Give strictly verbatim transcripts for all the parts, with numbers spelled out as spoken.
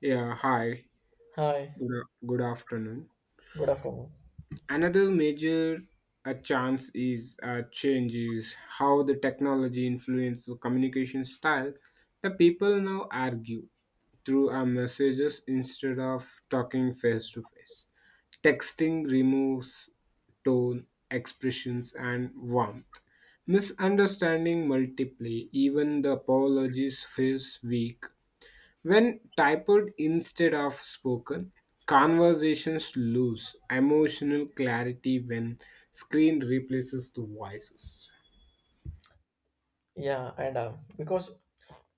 Yeah, hi. Hi, Good, a- good afternoon. good afternoon. Another major uh chance is uh, change is how the technology influences the communication style. The people now argue through our messages instead of talking face to face. Texting removes tone, expressions, and warmth. Misunderstanding multiply. Even the apologies feels weak. When typed instead of spoken, conversations lose emotional clarity when screen replaces the voices. Yeah, and uh, because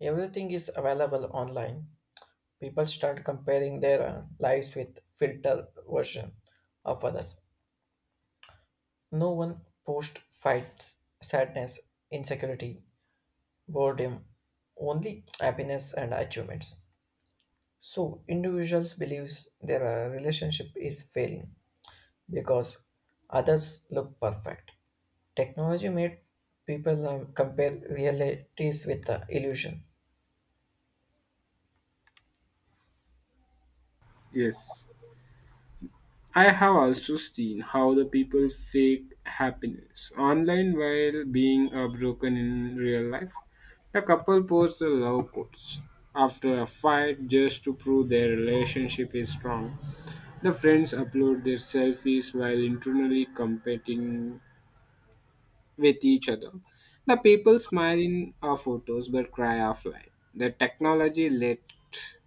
everything is available online, people start comparing their uh, lives with filter version of others. No one post fights, sadness, insecurity, boredom, only happiness and achievements. So individuals believes their uh, relationship is failing because others look perfect. Technology made people uh, compare realities with uh, illusion. Yes. I have also seen how the people fake happiness online while being uh, broken in real life. The couple posts the love quotes after a fight just to prove their relationship is strong. The friends upload their selfies while internally competing with each other. The people smile in our photos but cry offline. The technology let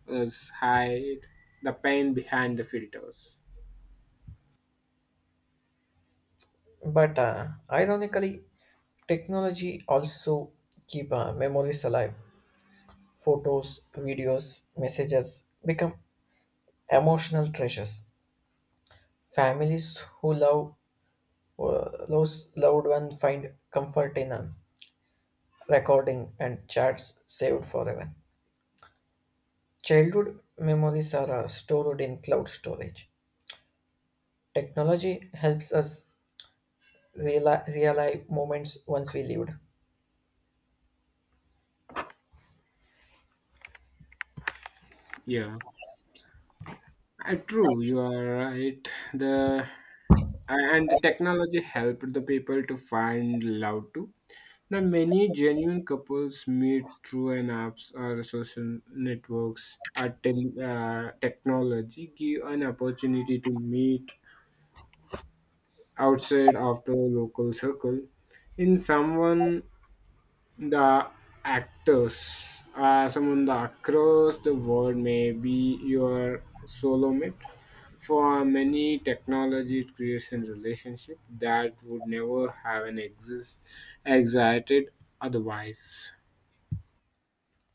us hide the pain behind the filters. But uh, ironically, technology also keep uh, memories alive. Photos, videos, messages become emotional treasures. Families who love uh, those loved ones find comfort in a recording and chats saved forever. Childhood memories are uh, stored in cloud storage. Technology helps us reali- realize moments once we lived. Yeah, Uh, true, you are right. The a- and the technology helped the people to find love too. Now, many genuine couples meet through an apps or social networks. At tel- uh, technology give an opportunity to meet outside of the local circle in someone the actors uh, someone the across the world may be your solo mate for many technology it creates a relationship that would never have an exist existed otherwise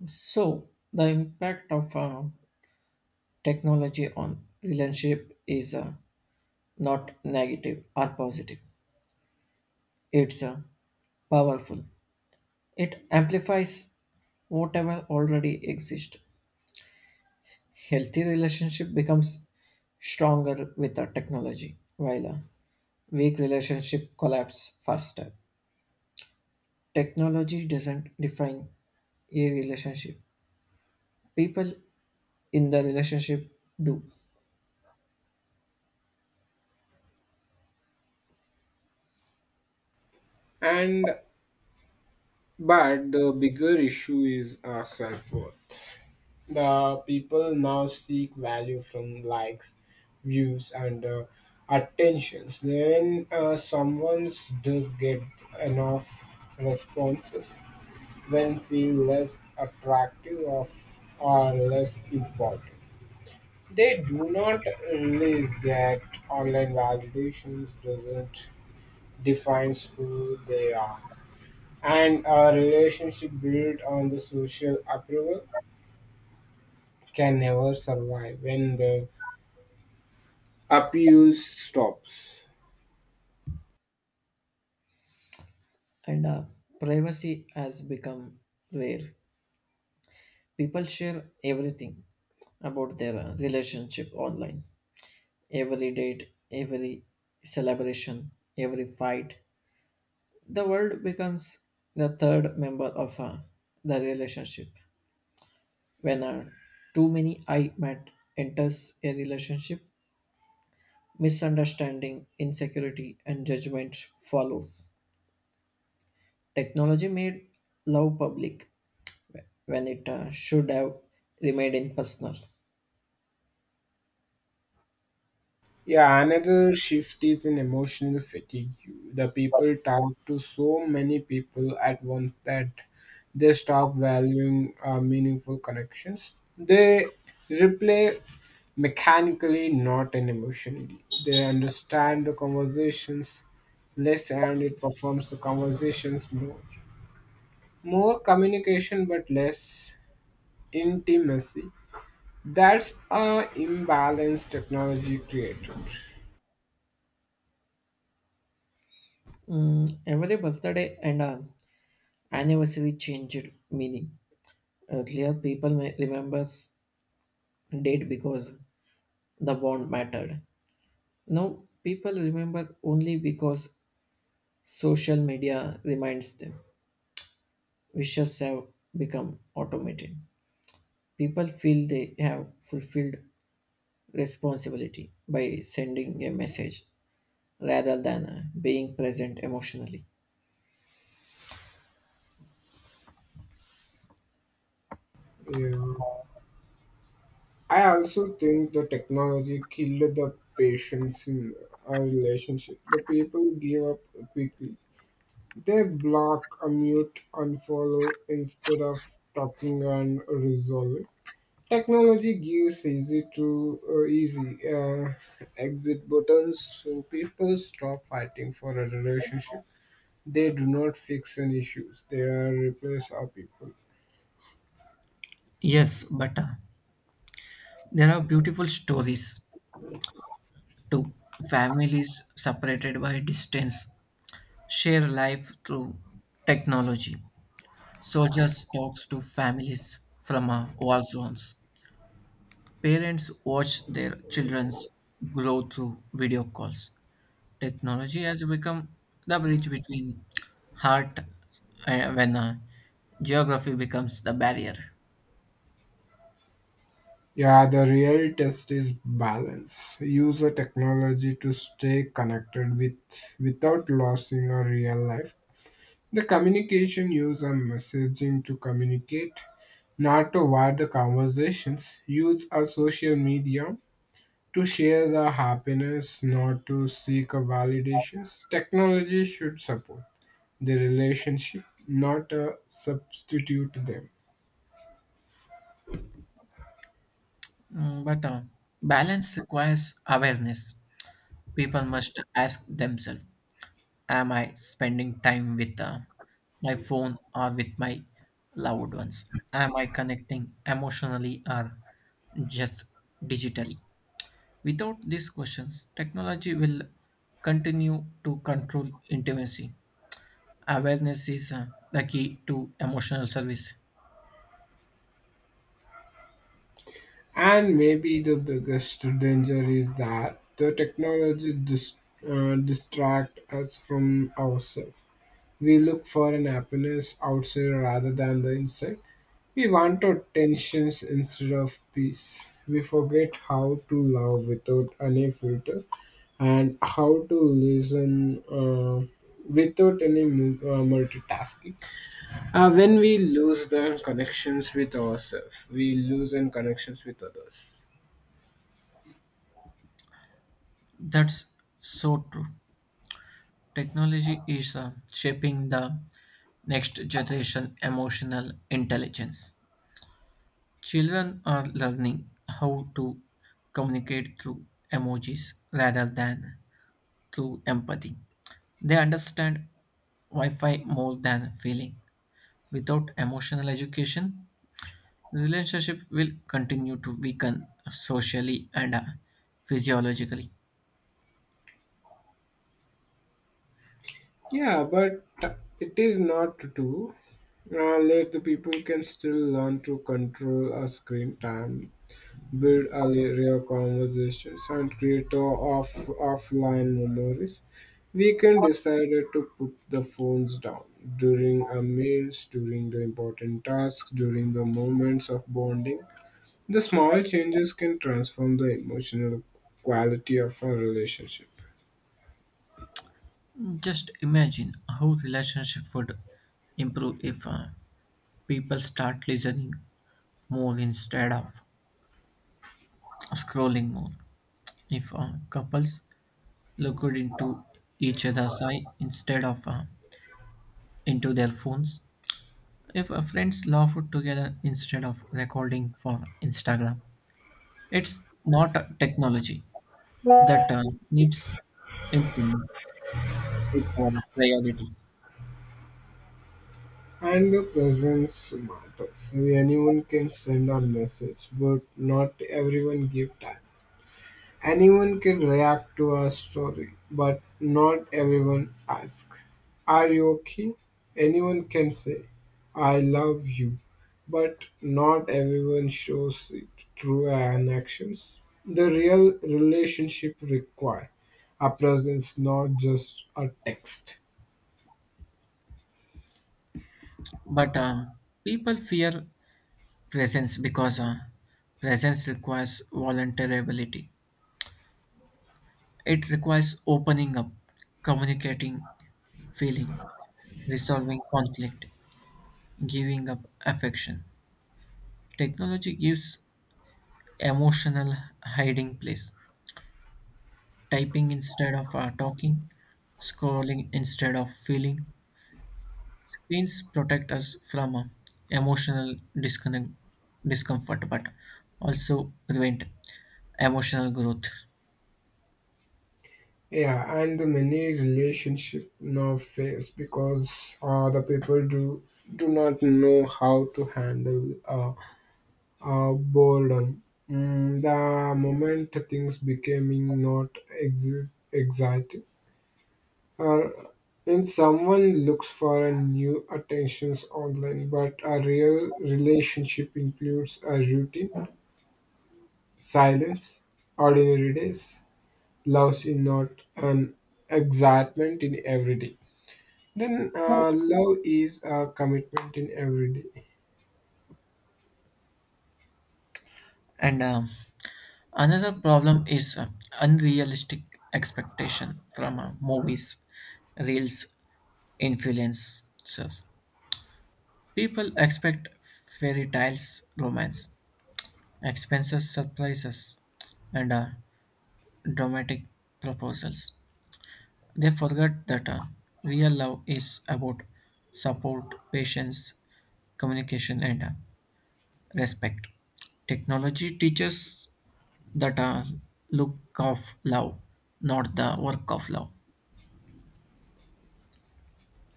So, the impact of uh, technology on relationship is uh, not negative or positive. It's uh, powerful. It amplifies whatever already exists. Healthy relationship becomes stronger with the technology, while a weak relationship collapse faster. Technology doesn't define a relationship; people in the relationship do. and but the bigger issue is our self-worth. The people now seek value from likes, views, and uh, attentions. When uh, someone does get enough responses, then feel less attractive of or less important. They do not realize that online validations doesn't defines who they are, and a relationship built on the social approval can never survive when the Appeals stops. And uh, Privacy has become rare. People share everything about their uh, relationship online, every date, every celebration, every fight. The world becomes the third member of uh, the relationship. When uh, too many I met enters a relationship, misunderstanding, insecurity and judgment follows. Technology made love public when it uh, should have remained impersonal. Yeah, another shift is in emotional fatigue. The people talk to so many people at once that they stop valuing uh, meaningful connections. They replay mechanically, not in emotionally. They understand the conversations less and it performs the conversations more. More communication but less intimacy. That's a imbalance technology created. Mm, every birthday and uh, anniversary changed meaning. Earlier, people may remembers date because the bond mattered. Now, people remember only because social media reminds them. Wishes have become automated. People feel they have fulfilled responsibility by sending a message rather than uh, being present emotionally. Yeah. I also think the technology killed the patience in our relationship. The people give up quickly. They block, unmute, unfollow instead of talking and resolving. Technology gives easy to uh, easy uh, exit buttons, so people stop fighting for a relationship. They do not fix any issues. They are replace our people. Yes, but uh, there are beautiful stories too. Families separated by distance share life through technology. Soldiers talks to families from uh, war zones. Parents watch their children's grow through video calls. Technology has become the bridge between heart uh, when uh, geography becomes the barrier. Yeah, the real test is balance. Use the technology to stay connected with without losing your real life. The communication use a messaging to communicate, not to wire the conversations. Use a social media to share the happiness, not to seek a validations. Technology should support the relationship, not uh, substitute them. Mm, but uh, balance requires awareness. People must ask themselves, am I spending time with uh, my phone or with my loved ones? Am I connecting emotionally or just digitally? Without these questions, technology will continue to control intimacy. Awareness is uh, the key to emotional service. And maybe the biggest danger is that the technology dis- uh, distract us from ourselves. We look for an happiness outside rather than the inside. We want our tensions instead of peace. We forget how to love without any filter and how to listen uh, without any mu- uh, multitasking. Uh, when we lose the connections with ourselves, we lose in connections with others. That's so true. Technology is uh, shaping the next generation emotional intelligence. Children are learning how to communicate through emojis rather than through empathy. They understand Wi Fi more than feeling. Without emotional education, relationship will continue to weaken socially and uh, physiologically. Yeah, but it is not to do. Uh, let the people can still learn to control a screen time, build a real conversations, and create a off offline memories. We can decide to put the phones down during our meals, during the important tasks, during the moments of bonding. The small changes can transform the emotional quality of our relationship. Just imagine how relationship would improve if uh, people start listening more instead of scrolling more. If uh, couples looked into each other's eye instead of uh, into their phones. If uh, friends laugh together instead of recording for Instagram, it's not a technology that uh, needs improvement. It's our priority. And the presence matters. Anyone can send a message, but not everyone give time. Anyone can react to a story, but not everyone ask. Are you okay? Anyone can say, I love you, but not everyone shows it through an actions. The real relationship require a presence, not just a text. But um, people fear presence because uh, presence requires vulnerability. It requires opening up, communicating, feeling, resolving conflict, giving up affection. Technology gives emotional hiding place. Typing instead of uh, talking, scrolling instead of feeling. Screens protect us from uh, emotional disconnect, discomfort, but also prevent emotional growth. Yeah, and the many relationship now fails because uh, the people do do not know how to handle uh, uh, boredom. Mm, the moment things becoming not exi- exciting, or when someone looks for a new attentions online, but a real relationship includes a routine, silence, ordinary days, loves in not an excitement in every day. Then uh, love is a commitment in every day. And um, Another problem is uh, unrealistic expectation from uh, movies, reels, influencers. People expect fairy tales romance expenses, surprises, and uh, dramatic proposals. They forget that uh, real love is about support, patience, communication, and uh, respect. Technology teaches that uh, look of love, not the work of love.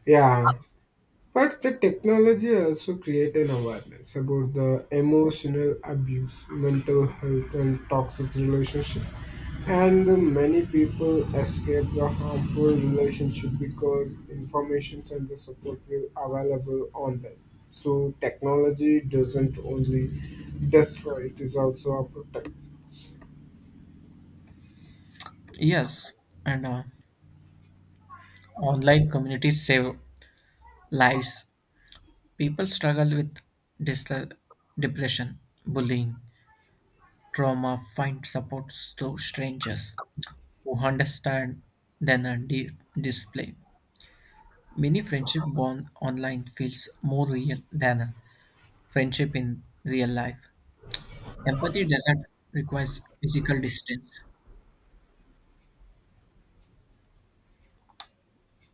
Yeah, but the technology also create an awareness about the emotional abuse, mental health, and toxic relationship. And the many people escape the harmful relationship because informations and the support will available on them. So technology doesn't only destroy; it is also a protect. Yes, and uh, online communities save lives. People struggle with dis- depression, bullying, trauma, find support through strangers who understand than a di- display. Many friendship born online feels more real than a friendship in real life. Empathy doesn't require physical distance.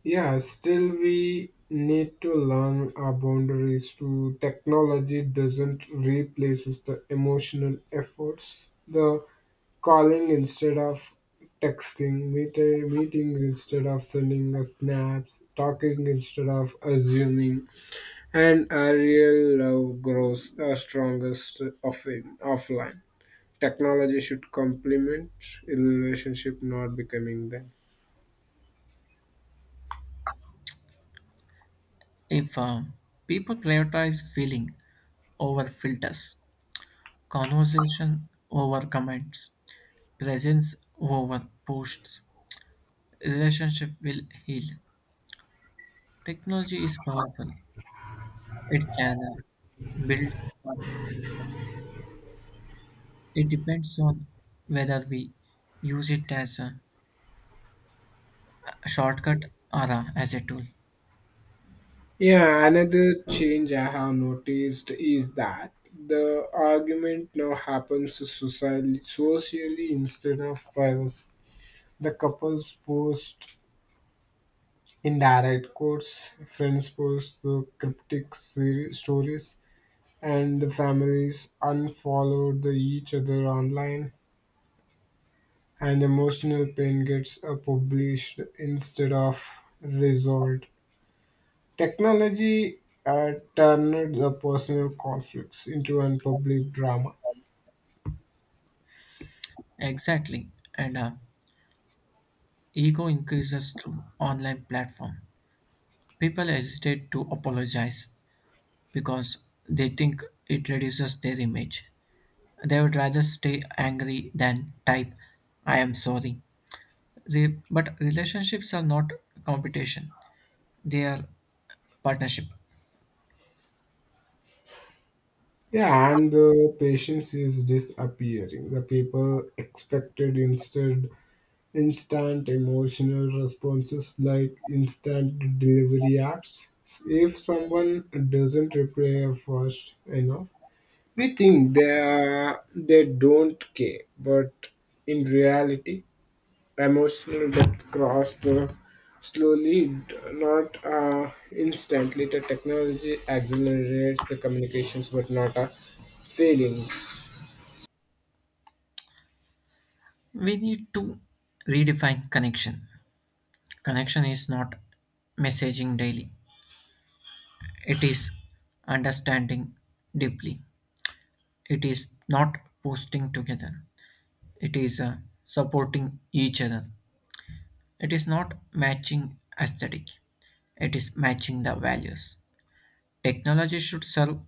Yeah, still we need to learn our boundaries to technology doesn't replace the emotional efforts. The calling instead of texting, meet meeting instead of sending a snaps, talking instead of assuming, and a real love grows the strongest off offline. Technology should complement relationship, not becoming them. If uh, people prioritize feeling over filters, conversation over comments, presence over posts, relationship will heal. Technology is powerful. It can uh, build. It depends on whether we use it as a shortcut or a, as a tool. Yeah, another change I have noticed is that the argument now happens socially, socially instead of privacy. The couples post indirect quotes, friends post the cryptic seri- stories, and the families unfollow the each other online. And emotional pain gets uh, published instead of resolved. Technology uh, turned the personal conflicts into a public drama. Exactly. And uh, Ego increases through online platform. People hesitate to apologize because they think it reduces their image. They would rather stay angry than type, I am sorry. Re- but relationships are not competition, they are partnership. Yeah, and the patience is disappearing. The people expected instead instant emotional responses like instant delivery apps. If someone doesn't reply fast enough, we think they, are, they don't care, but in reality, emotional depth grows the slowly, d- not uh, instantly. The technology accelerates the communications, but not our feelings. We need to redefine connection. Connection is not messaging daily, it is understanding deeply, it is not posting together, it is uh, supporting each other, it is not matching aesthetic, it is matching the values. Technology should serve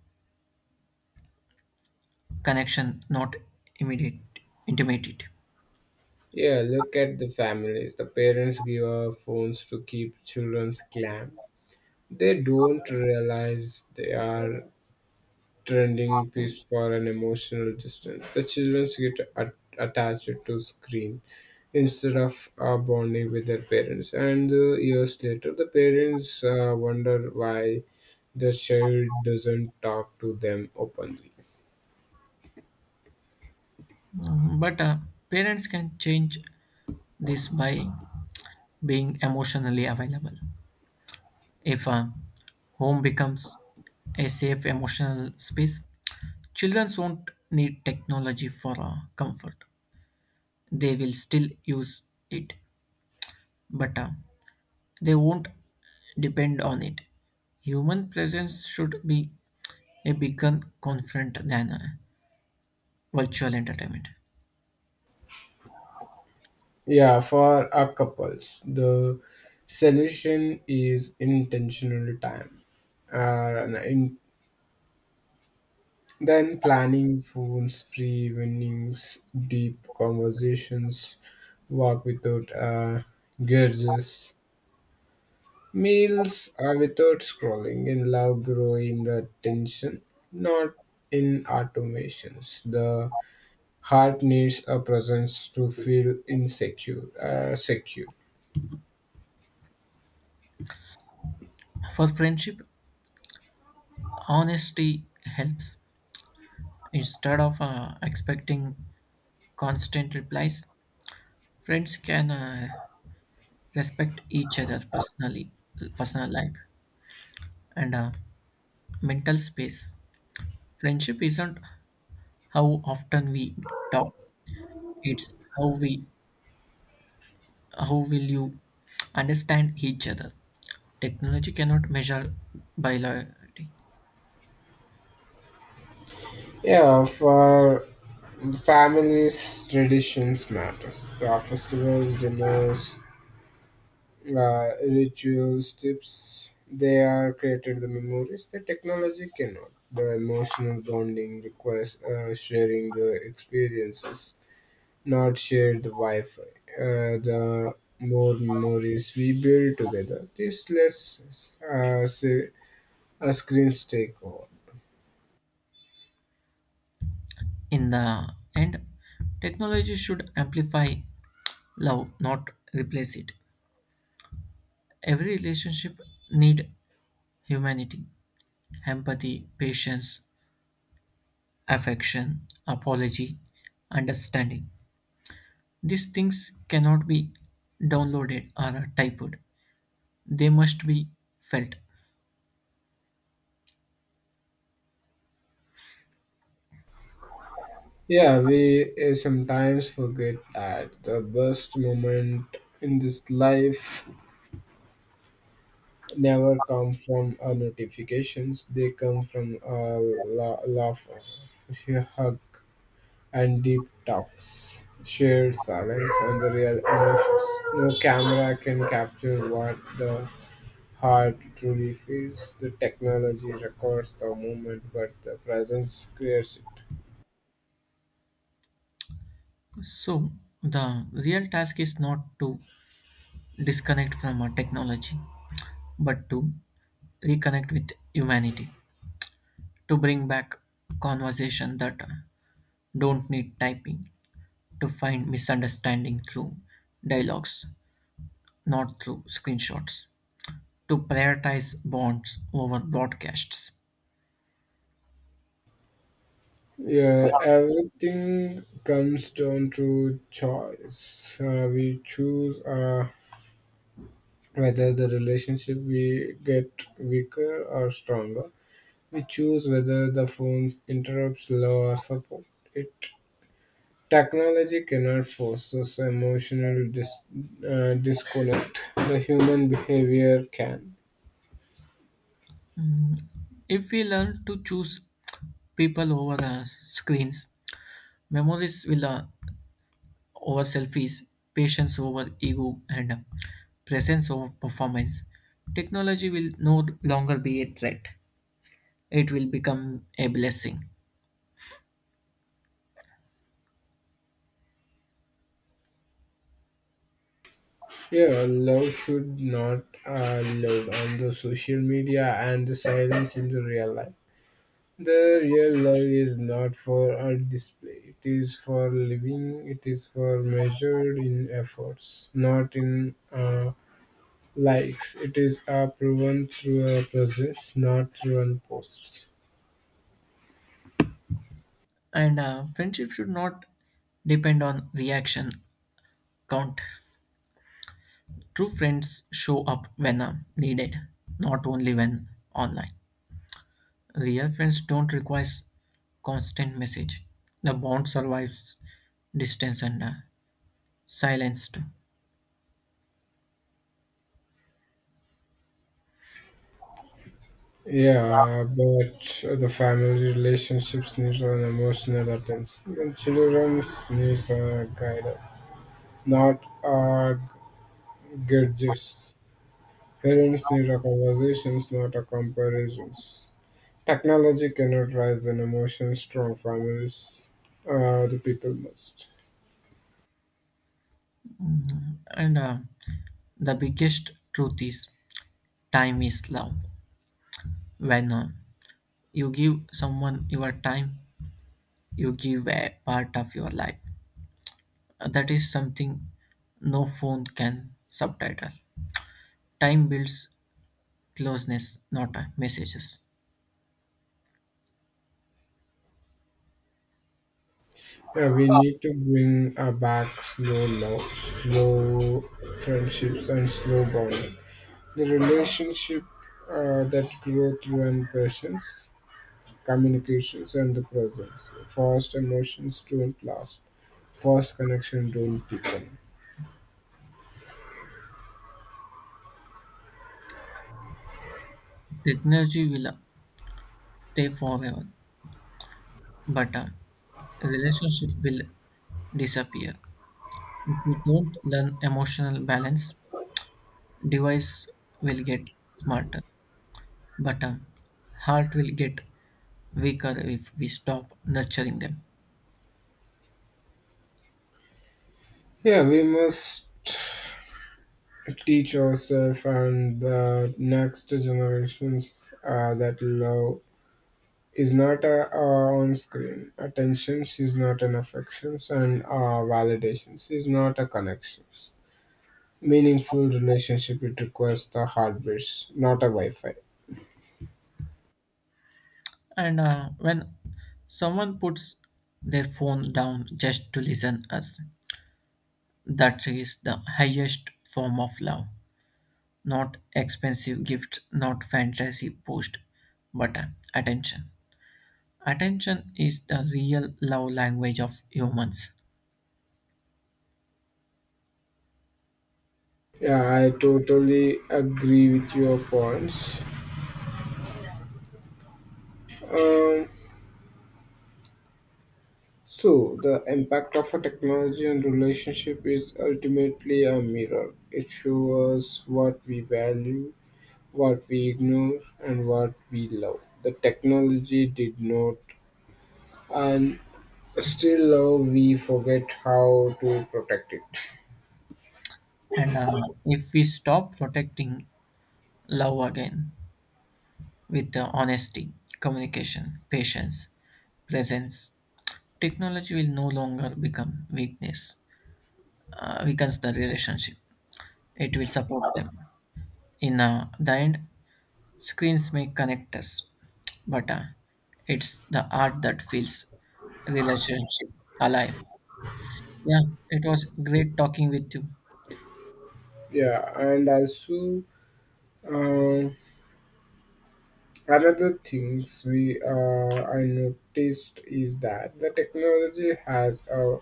connection, not immediate, intimate it. Yeah, look at the families. The parents give our phones to keep children's calm. They don't realize they are trending piece for an emotional distance. The children get at- attached to screen instead of uh, bonding with their parents, and uh, years later, the parents uh, wonder why the child doesn't talk to them openly. Mhm. But uh, parents can change this by being emotionally available. If a home becomes a safe emotional space, children won't need technology for uh, comfort. They will still use it, but uh, they won't depend on it. Human presence should be a bigger confront than uh, virtual entertainment. Yeah, for our couples, the solution is intentional time. Uh, an Then planning phone spree winnings, deep conversations, walk without uh, gurges, meals are without scrolling, and love grow in the tension, not in automations. The heart needs a presence to feel insecure, uh, secure. For friendship, honesty helps. Instead of uh, expecting constant replies, friends can uh, respect each other's personally, personal life, and uh, mental space. Friendship isn't how often we talk; it's how we how will you understand each other. Technology cannot measure biology. Yeah, for families, traditions matters. The festivals, dinners, uh, rituals, tips. They are created the memories that technology cannot. The emotional bonding requires uh, sharing the experiences, not share the Wi-Fi. Uh, the more memories we build together, this less uh, say, uh, screens take over. In the end, technology should amplify love, not replace it. Every relationship need humanity, empathy, patience, affection, apology, understanding. These things cannot be downloaded or typed, they must be felt. Yeah, we uh, sometimes forget that the best moment in this life never come from uh, notifications. They come from uh, la- laugh, uh, hug, and deep talks, shared silence, and the real emotions. No camera can capture what the heart truly feels. The technology records the moment, but the presence creates it. So, the real task is not to disconnect from a technology, but to reconnect with humanity, to bring back conversation that uh, don't need typing, to find misunderstanding through dialogues, not through screenshots, to prioritize bonds over broadcasts. Yeah, everything comes down to choice. Uh, we choose uh, whether the relationship we get weaker or stronger, we choose whether the phone's interrupts love or support it. Technology cannot force us emotional dis- uh, disconnect. The human behavior can. If we learn to choose people over uh, screens, memories will uh, over selfies, patience over ego, and uh, presence over performance. Technology will no longer be a threat, it will become a blessing. Yeah, love should not uh, load on the social media and the silence in the real life. The real love is not for art display. It is for living. It is for measured in efforts, not in uh, likes. It is uh, proven through a presence, not through an posts. And uh, Friendship should not depend on reaction count. True friends show up when uh, needed, not only when online. Real friends don't require constant message. The bond survives distance and uh, silence too. Yeah, but the family relationships needs an emotional attention. And children needs a guidance, not a gadgets. Parents need a conversations, not a comparisons. Technology cannot rise an emotion strong families. Uh, the people must. And uh, The biggest truth is time is love. When uh, you give someone your time, you give a part of your life. Uh, That is something no phone can subtitle. Time builds closeness, not uh, messages. Yeah, we need to bring uh, back slow love, slow friendships, and slow bonding. The relationship uh, that grow through and patience, communications, and the presence. Fast emotions don't last. Fast connection don't deepen. Technology will uh, stay forever, but uh, relationship will disappear. If we don't learn emotional balance, device will get smarter, but um, heart will get weaker if we stop nurturing them. Yeah, we must teach ourselves and the next generations uh, that love is not a, a on-screen attention, she's not an affections and uh, validation, she's not a connections, meaningful relationship it requires the hardwares not a Wi-Fi. And uh, When someone puts their phone down just to listen us, that is the highest form of love. Not expensive gifts, not fantasy post, but uh, attention. Attention is the real love language of humans. Yeah, I totally agree with your points. um, so the impact of a technology on relationship is ultimately a mirror. It shows us what we value, what we ignore, and what we love. The technology did not, and still, though, we forget how to protect it. And uh, If we stop protecting love again with uh, honesty, communication, patience, presence, technology will no longer become weakness, uh, weakens the relationship. It will support them. In uh, the end, screens may connect us, but uh, it's the art that feels relationship alive. Yeah, it was great talking with you. Yeah, and also uh, another things we uh, I noticed is that the technology has a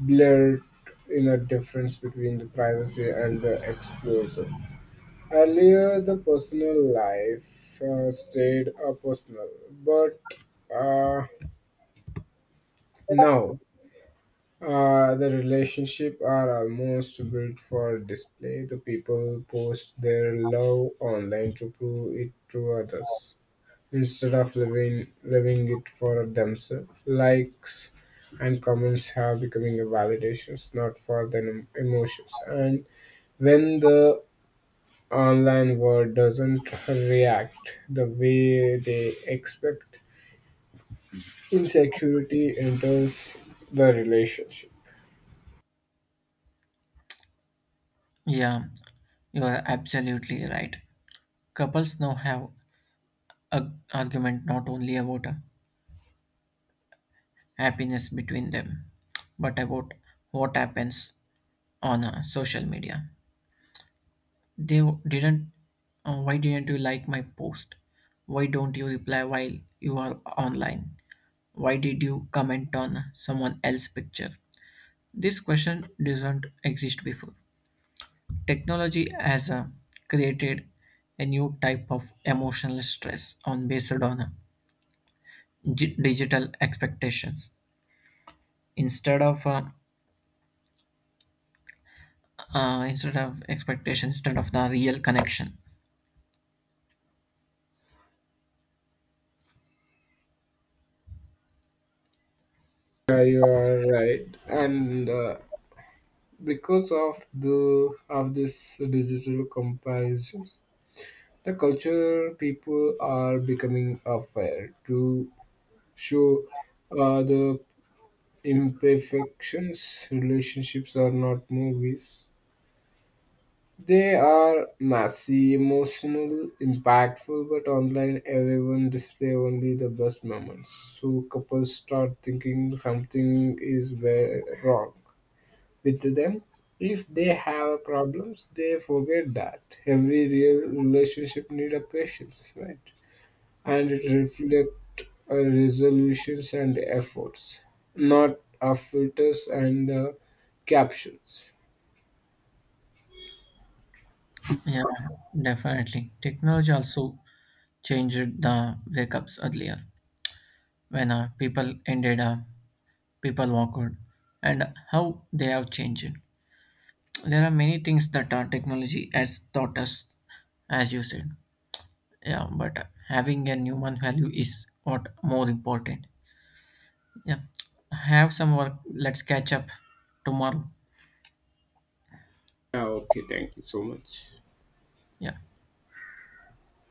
blurred in a difference between the privacy and the exposure. Earlier, the personal life uh, stayed a personal, but uh, now Uh, the relationship are almost built for display. The people post their love online to prove it to others instead of living living it for themselves. Likes and comments have becoming a validations, not for the em- emotions. And when the online world doesn't react the way they expect, insecurity enters the relationship. Yeah, you are absolutely right. Couples now have a argument not only about uh, happiness between them, but about what happens on uh, social media. They w- didn't. Uh, why didn't you like my post? Why don't you reply while you are online? Why did you comment on someone else's picture? This question doesn't exist before. Technology has uh, created a new type of emotional stress on based on uh, gi- digital expectations. Instead of uh, uh, instead of expectation, instead of the real connection. Yeah, you are right, and uh, because of the of this digital comparisons, the culture people are becoming aware to show uh, the imperfections. Relationships are not movies; they are messy, emotional, impactful. But online, everyone display only the best moments. So couples start thinking something is very wrong with them. If they have problems, they forget that every real relationship need a patience, right? And it reflect uh, resolutions and efforts, not our filters and uh, captions. Yeah, definitely. Technology also changed the breakups earlier when uh, people ended up, people walked, out, and how they have changed. There are many things that uh, technology has taught us, as you said. Yeah, but having a human value is what more important. Yeah, have some work. Let's catch up tomorrow. Yeah, okay, thank you so much. Yeah.